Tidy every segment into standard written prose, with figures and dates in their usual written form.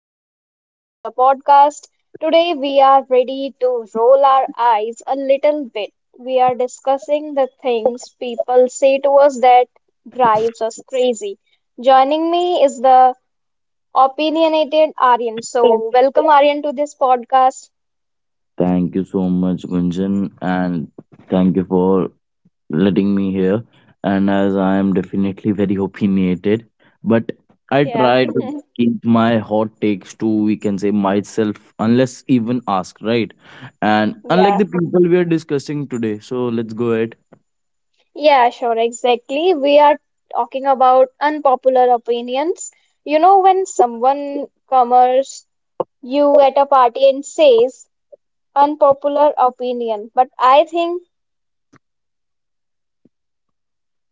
Welcome back to the podcast. Today we are ready to roll our eyes a little bit. We are discussing the things people say to us that drives us crazy. Joining me is the opinionated Aryan. So, welcome Aryan to this podcast. Thank you so much, Gunjan, and thank you for letting me here. And as I am definitely very opinionated, but I Yeah. try to keep my hot takes to, we can say, myself, unless even asked, right? And unlike Yeah. the people we are discussing today, so let's go ahead. Yeah, sure, exactly. We are talking about unpopular opinions. You know, when someone comes you at a party and says, unpopular opinion, but I think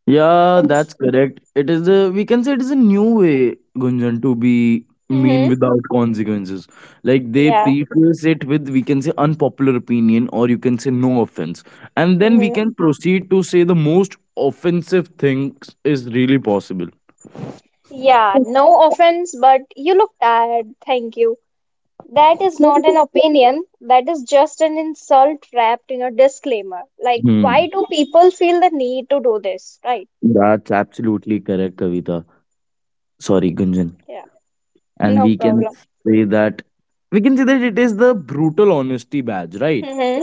Yeah, it's that's correct. It is the, we can say, it is a new way, Gunjan, to be mean hmm without consequences. Like they yeah. preface it with, we can say, unpopular opinion, or you can say, no offense. And then we Hmm. can proceed to say the most offensive things is really possible. Yeah, no offense, but you look tired. Thank you. That is not an opinion. That is just an insult wrapped in a disclaimer. Like, why Hmm. do people feel the need to do this? Right. That's absolutely correct, Kavita. Sorry, Gunjan. Yeah. And No we can problem. say that we can say that it is the brutal honesty badge, right? Hmm.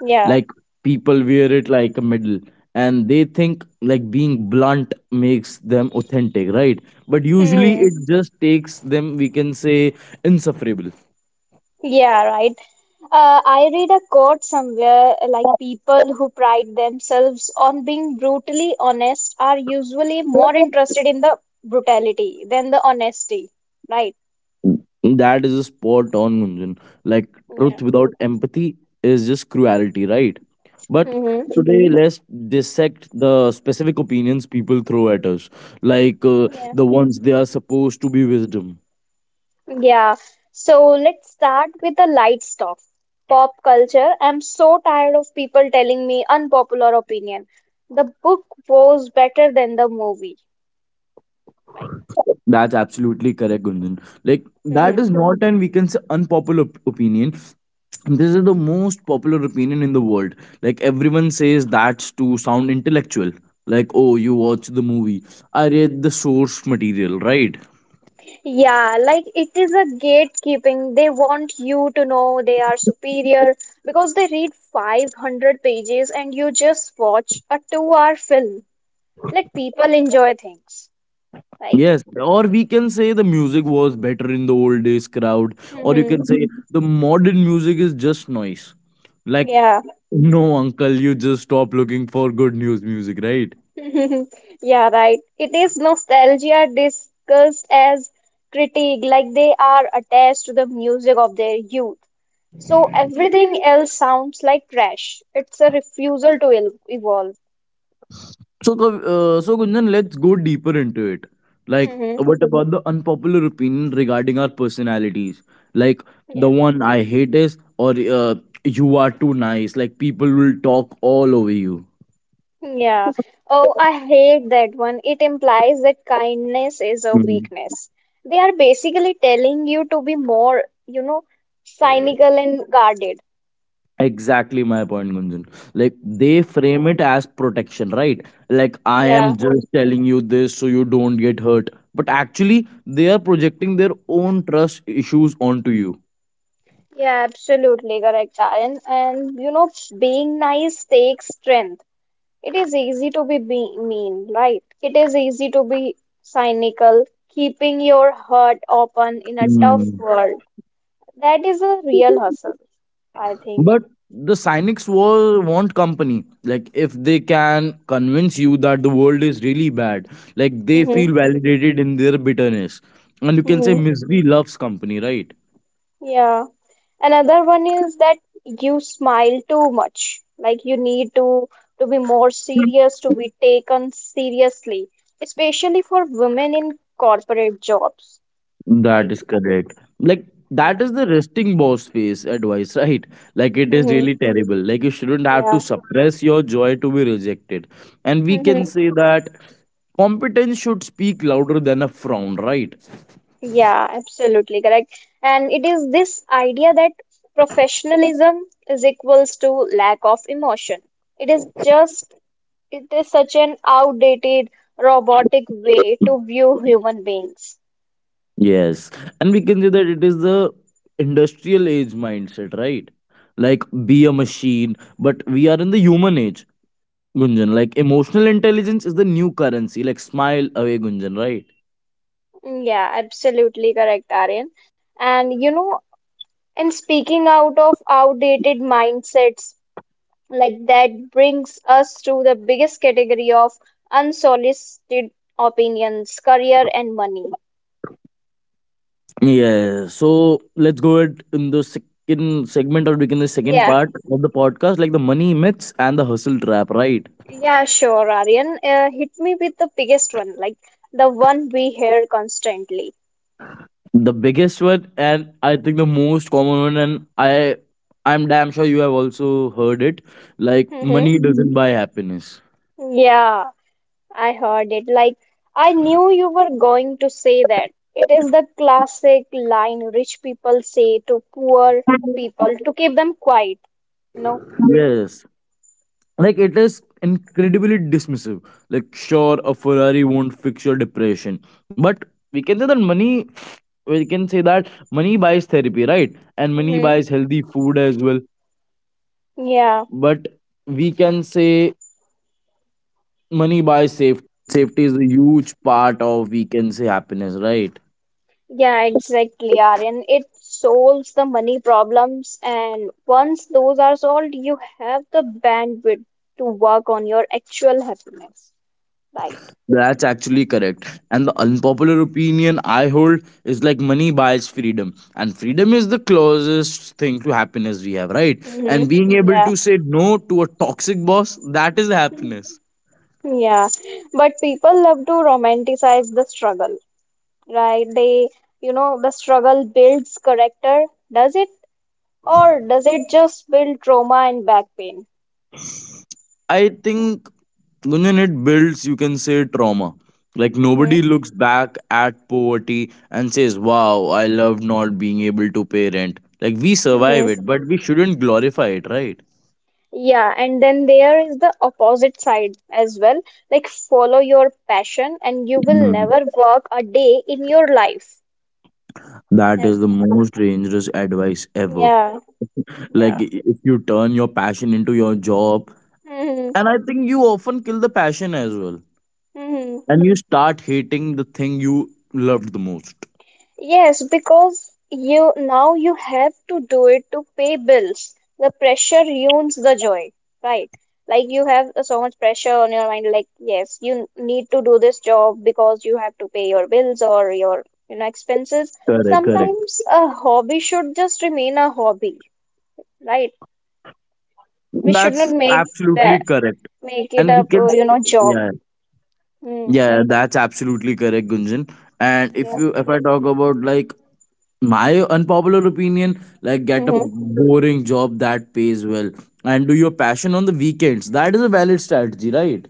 Yeah. Like people wear it like a medal, and they think like being blunt makes them authentic, right? But usually hmm it just takes them, we can say, insufferable. Yeah, right. I read a quote somewhere like people who pride themselves on being brutally honest are usually more interested in the brutality than the honesty, right? That is a spot on, Gunjan. Like Yeah. truth without empathy is just cruelty, right? But Mm-hmm. today let's dissect the specific opinions people throw at us, like Yeah. the ones they are supposed to be wisdom. Yeah. So let's start with the light stuff. Pop culture. I'm so tired of people telling me unpopular opinion. The book was better than the movie. That's absolutely correct, Gunjan. Like that Right. is not an, we can say, opinion. This is the most popular opinion in the world. Like everyone says that's to sound intellectual. Like, oh, you watch the movie. I read the source material, right? Yeah, like it is a gatekeeping. They want you to know they are superior because they read 500 pages and you just watch a two-hour film. Let people enjoy things, right? Yes, or we can say the music was better in the old days crowd, or you Hmm. can say the modern music is just noise. Like, Yeah. no, uncle, you just stop looking for good news music, right? Yeah, right. It is nostalgia discussed as critique, like they are attached to the music of their youth. So everything else sounds like trash. It's a refusal to evolve. So, so Gunjan, let's go deeper into it. Like, Hmm. what about the unpopular opinion regarding our personalities? Like, the one I hate is, or you are too nice. Like, people will talk all over you. Yeah. Oh, I hate that one. It implies that kindness is a Hmm. weakness. They are basically telling you to be more, you know, cynical and guarded. Exactly my point, Gunjan. Like, they frame it as protection, right? Like, I am Yeah. just telling you this so you don't get hurt. But actually, they are projecting their own trust issues onto Yeah, absolutely correct, Karan. And, you know, being nice takes strength. It is easy to be mean, right? It is easy to be cynical, keeping your heart open in a tough you. world. That is a real hustle, I think. But the cynics will want company. Like if they can convince you that the world is really bad, like they Mm-hmm. feel validated in their bitterness. And you can say Mm-hmm. misery loves company, right? Yeah. Another one is that you smile too much. Like you need to be more serious, to be taken seriously, especially for women in corporate jobs. That Like, is correct. Like that yeah. is the resting boss face advice, right? Like it is really Hmm. terrible. Like you shouldn't have to Yeah. suppress your joy to be rejected. And we can Hmm. say that competence should speak louder than a frown, right? Yeah, absolutely correct. And it is this idea that professionalism is equals to lack of emotion. It is just, it is such an outdated, robotic way to view human beings. Yes, and we can say that it is the industrial age mindset, right? Like be a machine, but we are in the human age, Gunjan. Like emotional intelligence is the new currency. Like smile away, Gunjan, right? Outdated mindsets like that brings us to the biggest category of unsolicited opinions career and money. Yeah. So let's go ahead in the second segment or begin the second Yeah, part of the podcast, like the money myths and the hustle trap, right? yeah, sure, Aryan, hit me with the biggest one, like the one we hear constantly. The biggest one, and I think the most common one, and I'm damn sure you have also heard it. Like Hmm. money doesn't buy happiness. Yeah, I heard it. Like, I knew you were going to say that. It is the classic line rich people say to poor people to keep them quiet, you know. Yes. Like it is incredibly dismissive. Like sure, a Ferrari won't fix your depression. Hmm. Yeah. Yes, right. Yeah, exactly, Aryan. It solves the money problems, and once those are solved, you have the bandwidth to work on your actual happiness, right? That's actually correct. And the unpopular opinion I hold is, like, money buys freedom. And freedom is the closest thing to happiness we have, right? Mm-hmm. And being able Yeah. to say no to a toxic boss, that is happiness. Yeah, but people love to romanticize the struggle, right? They, you know, the struggle builds character, does it? Or does it just build trauma and back pain? I think, Gunjan, it builds, you can say, trauma. Like Mm-hmm. nobody looks back at poverty and says, wow, I love not being able to pay rent. Like we survive it, Mm-hmm. but we shouldn't glorify it, right? Yeah, and then there is the opposite side as well. Like, follow your passion, and you will never work a day in your life. That Like, is the most dangerous advice ever. yeah, Like, yeah. If you turn your passion into your job, Hmm. and I think you often kill the passion as well, Hmm. and you start hating the thing you loved the most. Yes, because you now you have to do it to pay bills. The pressure ruins the joy, right? Like you have so much pressure on your mind, like yes, you need to do this job because you have to pay your bills or your, you know, expenses. Correct, correct. Sometimes a hobby should just remain a hobby, right? We should not That's make that absolutely correct. make it And we a, can, you know, job. yeah, Mm, yeah, that's absolutely correct, Gunjan. And yeah. If I talk about like my unpopular opinion, like get a Mm-hmm. boring job that pays well and do your passion on the weekends, that is a valid strategy, right?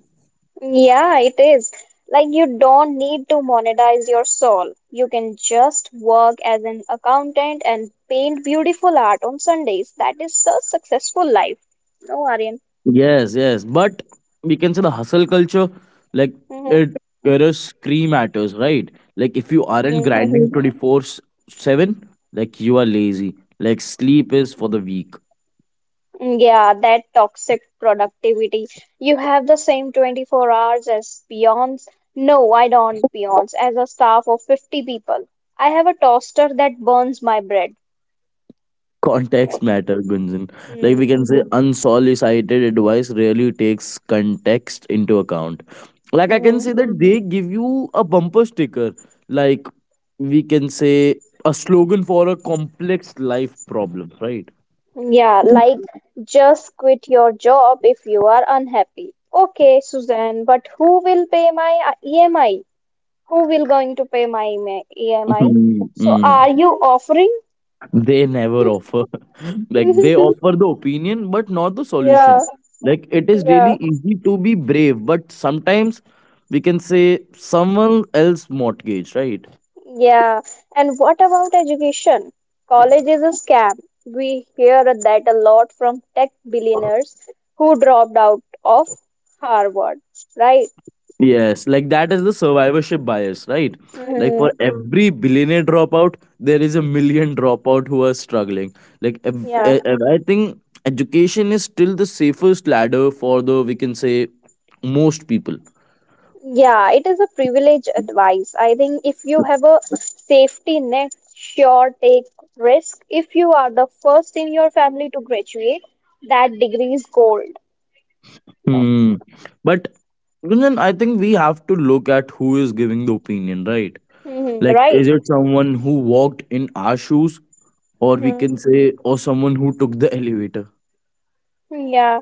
Yeah, it is. Like you don't need to monetize your soul. You can just work as an accountant and paint beautiful art on Sundays. That is a successful life. No, Aryan. Yes, yes. But we can say the hustle culture, like Mm-hmm. it there is scream matters, right? Like if you aren't Mm-hmm. grinding 24/7, like you are lazy. Like sleep is for the weak. Mm, yeah, that toxic productivity. You have the same 24 hours as peons. No, I don't peons. As a staff of 50 people, I have a toaster that burns my bread. Context matter, Gunjan. Like we Mm. can say unsolicited advice rarely takes context into account. Like I can Mm-hmm. say that they give you a bumper sticker. Like we can say a slogan for a complex life problem, right? Yeah, like just quit your job if you are unhappy. Okay, Suzanne, but who will pay my EMI? Who will going to pay my EMI? EMI? So Mm-hmm. are you offering? They never offer. Like they offer the opinion, but not the Yeah, solution. Like it is really yeah, easy to be brave, but sometimes, we can say, someone else mortgage, right? yeah. And what about education? College is a scam. We hear that a lot from tech billionaires who dropped out of Harvard, right? Yes, like that is the survivorship bias, right? Like Hmm. for every billionaire dropout, there is a million dropout who are struggling. Like Yeah. I think education is still the safest ladder for the, we can say, most people. Yeah, it is a privilege advice. I think if you have a safety net, sure take risk. If you are the first in your family to graduate, that degree is gold. No. Hmm. But Gunjan, I think we have to look at who is giving the opinion, right? Hmm, Like, right. is it someone who walked in our shoes, or we can Hmm. say, or someone who took the elevator? Yeah.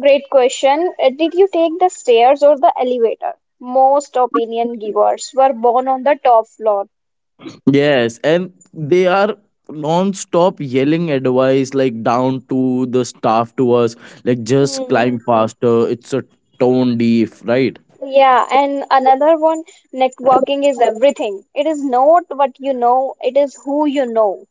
Great question. Did you take the stairs or the elevator? Most opinion givers were born on the top floor. Yes, and they are non-stop yelling advice like down to the staff to us, like just Hmm. climb faster. It's a tone deaf, right? Yeah, and another one, networking is everything. It is not what you know, it is who you know.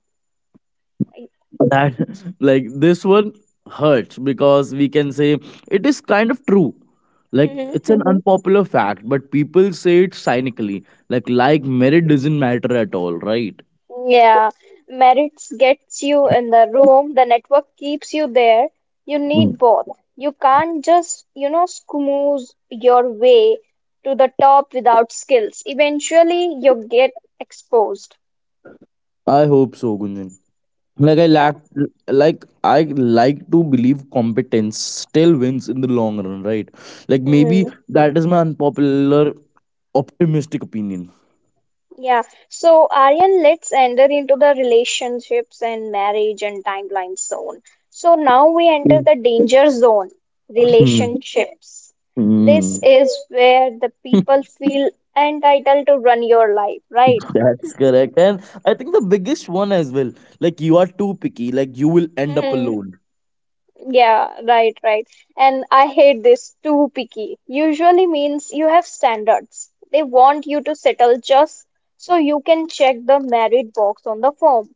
That like this one hurts because, we can say, it is kind of true, like it's Hmm. an unpopular fact, but people say it cynically, like merit doesn't matter at all, right? Yeah, merits gets you in the room, the network keeps you there. You Mm. need both. You can't just, you know, schmooze your way to the top without skills. Eventually, you get exposed. I hope so, Gunjan. Like I lack, like, I like to believe competence still wins in the long run, right? Like maybe Yeah. that is my unpopular optimistic opinion. Yeah. So, Aryan, let's enter into the relationships and marriage and timeline zone. So now we enter Mm. the danger zone, Hmm. relationships. This Hmm. is where the people feel entitled to run your life, right? That's correct. And I think the biggest one as well, like you are too picky, like you will end up Hmm. alone. Yeah, right, right. And I hate this too picky. Usually means you have standards. They want you to settle just so you can check the married box on the form,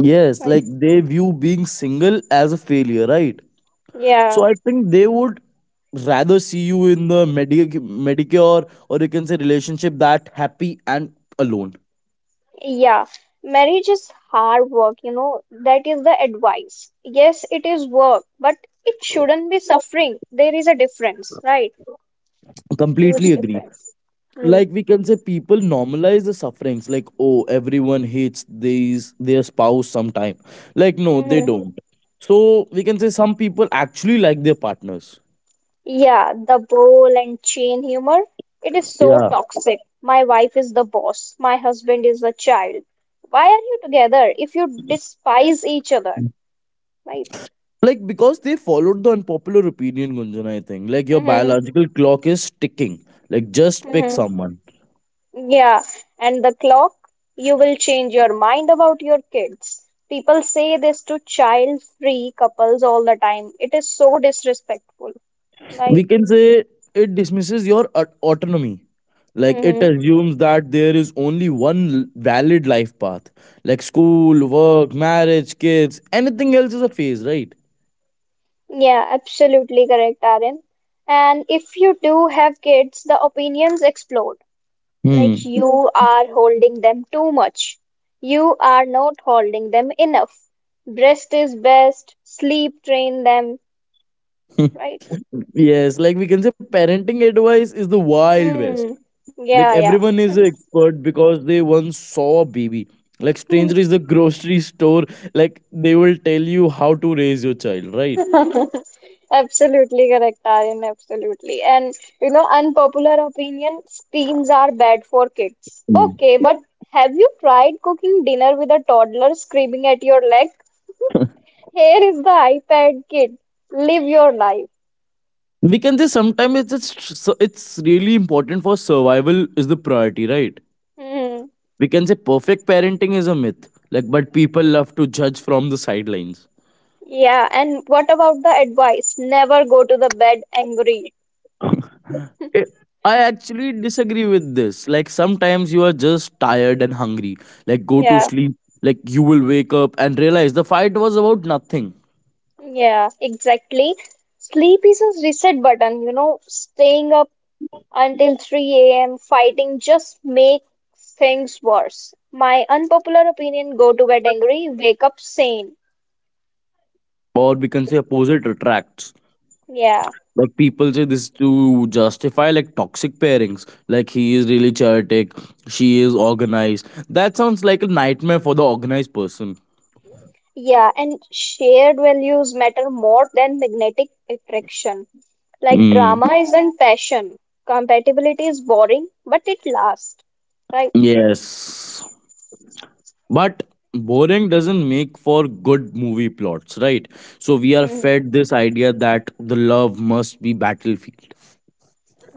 Yes, right? like they view being single as a failure, right? So I think they would rather see you in the Medicare, or you can say relationship that happy and alone. Yeah, marriage is hard work, you know, that is the advice. Yes, it is work, but it shouldn't be suffering. There is a difference, right? Huge Completely agree. difference. Mm. Like we can say people normalize the sufferings, like, oh, everyone hates these their spouse sometime. Like no, they Hmm. don't. So we can say some people actually like their partners. Yeah, the bowl and chain humor, it is so Yeah. toxic. My wife is the boss, my husband is the child. Why are you together if you despise each other, right? Like because they followed the unpopular opinion, Gunjan, I think. Like your Mm-hmm. biological clock is ticking. Like just pick Mm-hmm. someone. Yeah, and the clock, you will change your mind about your kids. People say this to child-free couples all the time. It is so disrespectful, We right? can say it dismisses your autonomy. Like it Mm-hmm. assumes that there is only one valid life path. Like school, work, marriage, kids, anything else is a phase, right? Yeah, absolutely correct, Aryan. And if you do have kids, the opinions explode. Like Hmm. you are holding them too much. You are not holding them enough. Rest is best. Sleep train them, right? Yes, like we can say parenting advice is the wild west. Hmm. Like everyone Yeah, is an expert because they once saw a baby. Like yeah. stranger is the grocery store, like they will tell you how to raise your child, right? Absolutely correct, Aryan. Absolutely. And you know, unpopular opinion, screens are bad for kids. Mm. Okay, but have you tried cooking dinner with a toddler screaming at your leg? Here is the iPad, kid. Live your life. We can say sometimes it's really important for survival is the priority, right? Hmm. We can say perfect parenting is a myth. Like but people love to judge from the sidelines. Yeah, and what about the advice? Never go to the bed angry. Eh, I actually disagree with this. Like sometimes you are just tired and hungry. Like go to Yeah, sleep. Like you will wake up and realize the fight was about nothing. yeah, exactly. Sleep is a reset button, you know, staying up until 3 a.m. fighting just makes things worse. My unpopular opinion, go to bed angry, wake up sane. Or we can say opposite attracts. Yeah. Like people say this to justify like toxic pairings. Like he is really chaotic, she is organized. That sounds like a nightmare for the organized person. Yeah, and shared values matter more than magnetic attraction. Like Mm. drama isn't passion. Compatibility is boring, but it lasts. Right? Yes. But boring doesn't make for good movie plots, right? So we are Mm-hmm. fed this idea that the love must be battlefield.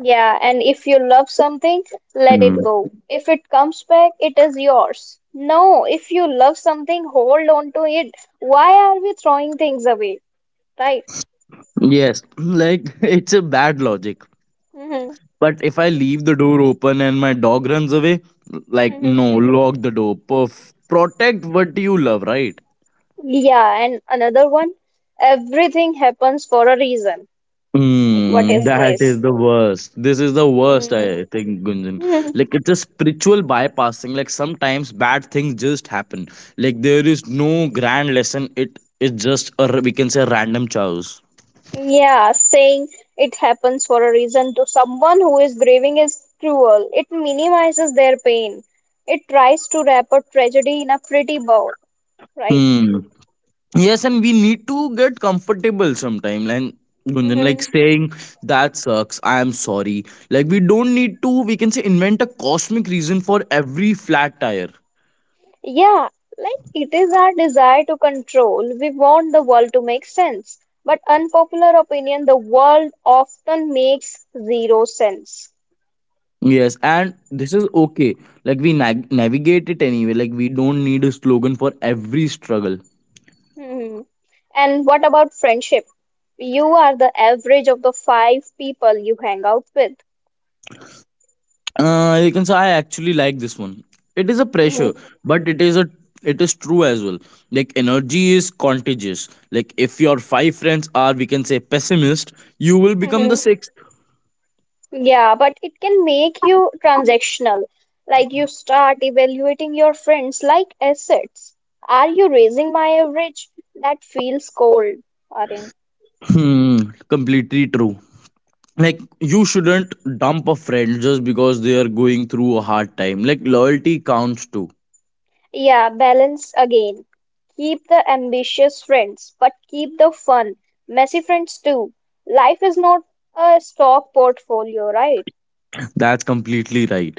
Yeah, and if you love something, let it Mm. go. If it comes back, it is yours. No, if you love something, hold on to it. Why are we throwing things away? Right? Yes, like it's a bad logic. Hmm. But if I leave the door open and my dog runs away, like Hmm. no, lock the door. Protect what you love, right? Yeah, and another one, everything happens for a reason. Like, what Mm, is that is this? the worst. This is the worst, Mm. I think, Gunjan. Hmm. Like it's a spiritual bypassing. Like sometimes bad things just happen. Like there is no grand lesson. It is just a we can say random chows. Yeah, saying it happens for a reason to someone who is grieving is cruel. It minimizes their pain. It tries to wrap a tragedy in a pretty bow. Right. Hmm. Yes, and we need to get comfortable sometime. And Gunjan, like Hmm. saying that sucks. I am sorry. Like we don't need to. We can say invent a cosmic reason for every flat tire. Yeah, like it is our desire to control. We want the world to make sense. But unpopular opinion, the world often makes zero sense. Yes, and this is okay. Like we nag navigate it anyway. Like we don't need a slogan for every struggle. Hmm. And what about friendship? You are the average of the five people you hang out with. You can say I actually like this one. It is a Hmm. pressure, but it is a, it is true as well. Like energy is contagious. Like if your five friends are, we can say, pessimist, you will become the sixth. Yeah, but it can make you transactional. Like you start evaluating your friends like assets. Are you raising my average? That feels cold, Aryan. Hmm, completely true. Like you shouldn't dump a friend just because they are going through a hard time. Like loyalty counts too. Yeah, balance again. Keep the ambitious friends, but keep the fun, messy friends too. Life is not a stock portfolio, right? That's completely right.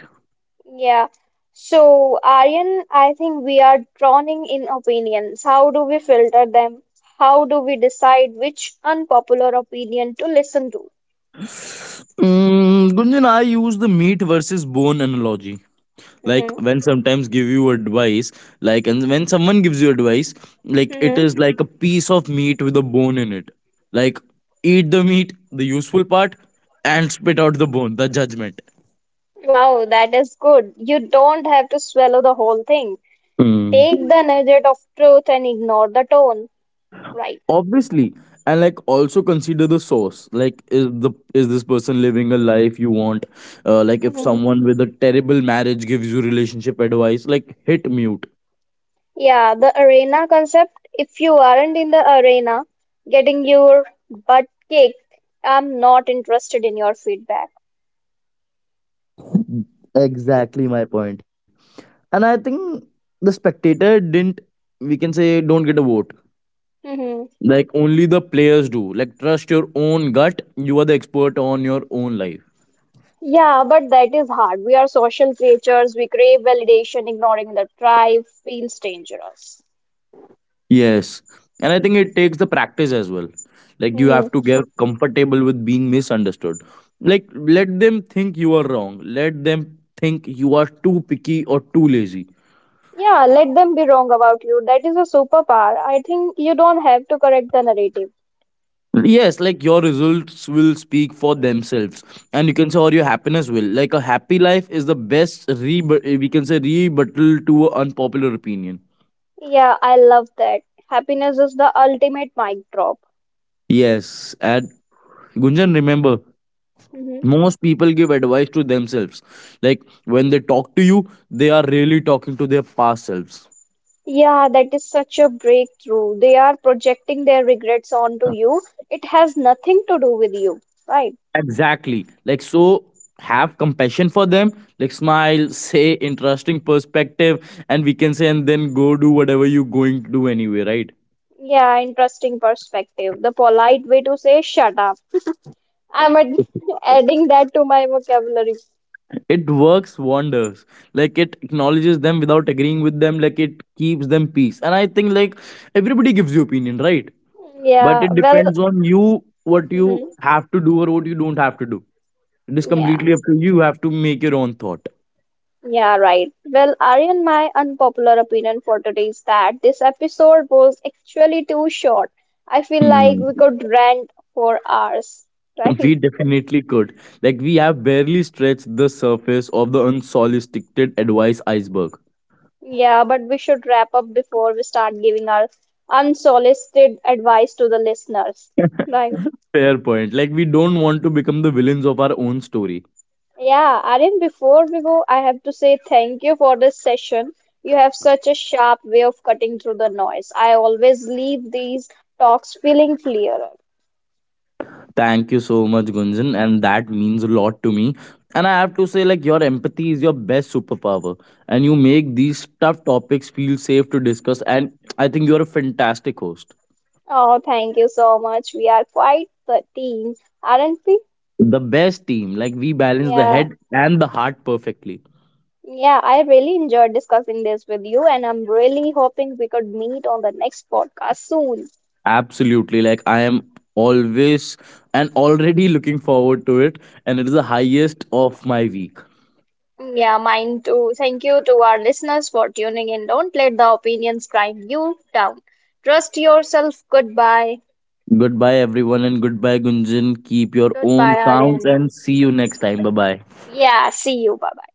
Yeah. So, Aryan, I think we are drowning in opinions. How do we filter them? How do we decide which unpopular opinion to listen to? Mm, Gunjan, I use the meat versus bone analogy. Like Hmm. when sometimes give you advice, like, and when someone gives you advice, like it is Hmm. like a piece of meat with a bone in it. Like eat the meat, the useful part, and spit out the bone, the judgment. Wow, that is good. You don't have to swallow the whole thing. Mm. Take the nugget of truth and ignore the tone. Right. Obviously, and like also consider the source. Like is this person living a life you want? Like if Hmm. someone with a terrible marriage gives you relationship advice, like hit mute. Yeah, the arena concept. If you aren't in the arena, getting your butt kicked, I'm not interested in your feedback. Right. Exactly my point. And I think the spectator didn't, we can say, don't get a vote. Mm-hmm. Like only the players do. Like trust your own gut. You are the expert on your own life. Yeah, but that is hard. We are social creatures. We crave validation. Ignoring the tribe feels dangerous. Yes. And I think it takes the practice as well. Like you Hmm. have to get comfortable with being misunderstood. Like let them think you are wrong. Let them think you are too picky or too lazy. Yeah, let them be wrong about you. That is a superpower. I think you don't have to correct the narrative. Yes, like your results will speak for themselves, and you can say, or your happiness will. Like a happy life is the best rebut. We can say rebuttal to an unpopular opinion. Yeah, I love that. Happiness is the ultimate mic drop. Yes, and Gunjan, remember, Hmm. most people give advice to themselves. Like when they talk to you, they are really talking to their past selves. Yeah, that is such a breakthrough. They are projecting their regrets onto you. It has nothing to do with you, right? Exactly. Like so, have compassion for them. Like smile, say interesting perspective, and we can say, and then go do whatever you're going to do anyway, right? Yeah, interesting perspective. The polite way to say shut up. I'm adding that to my vocabulary. It works wonders. Like it acknowledges them without agreeing with them. Like it keeps them peace, and I think like everybody gives you opinion, right? But Yeah, it well, depends on you what you mhm, have to do or what you don't have to do. It is yeah, completely up to you. You have to make your own thought. yeah, right. Well, Aryan, my unpopular opinion for today is that this episode was actually too short. I feel like Hmm. we could rant for hours, right? We definitely could. Like, we have barely scratched the surface of the unsolicited advice iceberg. Yeah, but we should wrap up before we start giving our unsolicited advice to the listeners, right? Fair point. Like, we don't want to become the villains of our own story. Yeah, Aryan, before we go, I have to say thank you for this session. You have such a sharp way of cutting through the noise. I always leave these talks feeling clearer. Thank you so much, Gunjan, and that means a lot to me. And I have to say, like, your empathy is your best superpower, and you make these tough topics feel safe to discuss. And I think you're a fantastic host. Oh, thank you so much. We are quite the team, aren't we? The best team, like, we balance the Yeah. head and the heart perfectly. Yeah, I really enjoyed discussing this with you, and I'm really hoping we could meet on the next podcast soon. Absolutely, like, I am always and already looking forward to it, and it is the highest of my week. Yeah, mine too. Thank you to our listeners for tuning in. Don't let the opinions grind you down. Trust yourself. Goodbye. Goodbye, everyone, and goodbye, Gunjan. Keep your own Goodbye, counts, Aryan. and see you next time. Bye bye. Yeah, see you. Bye bye.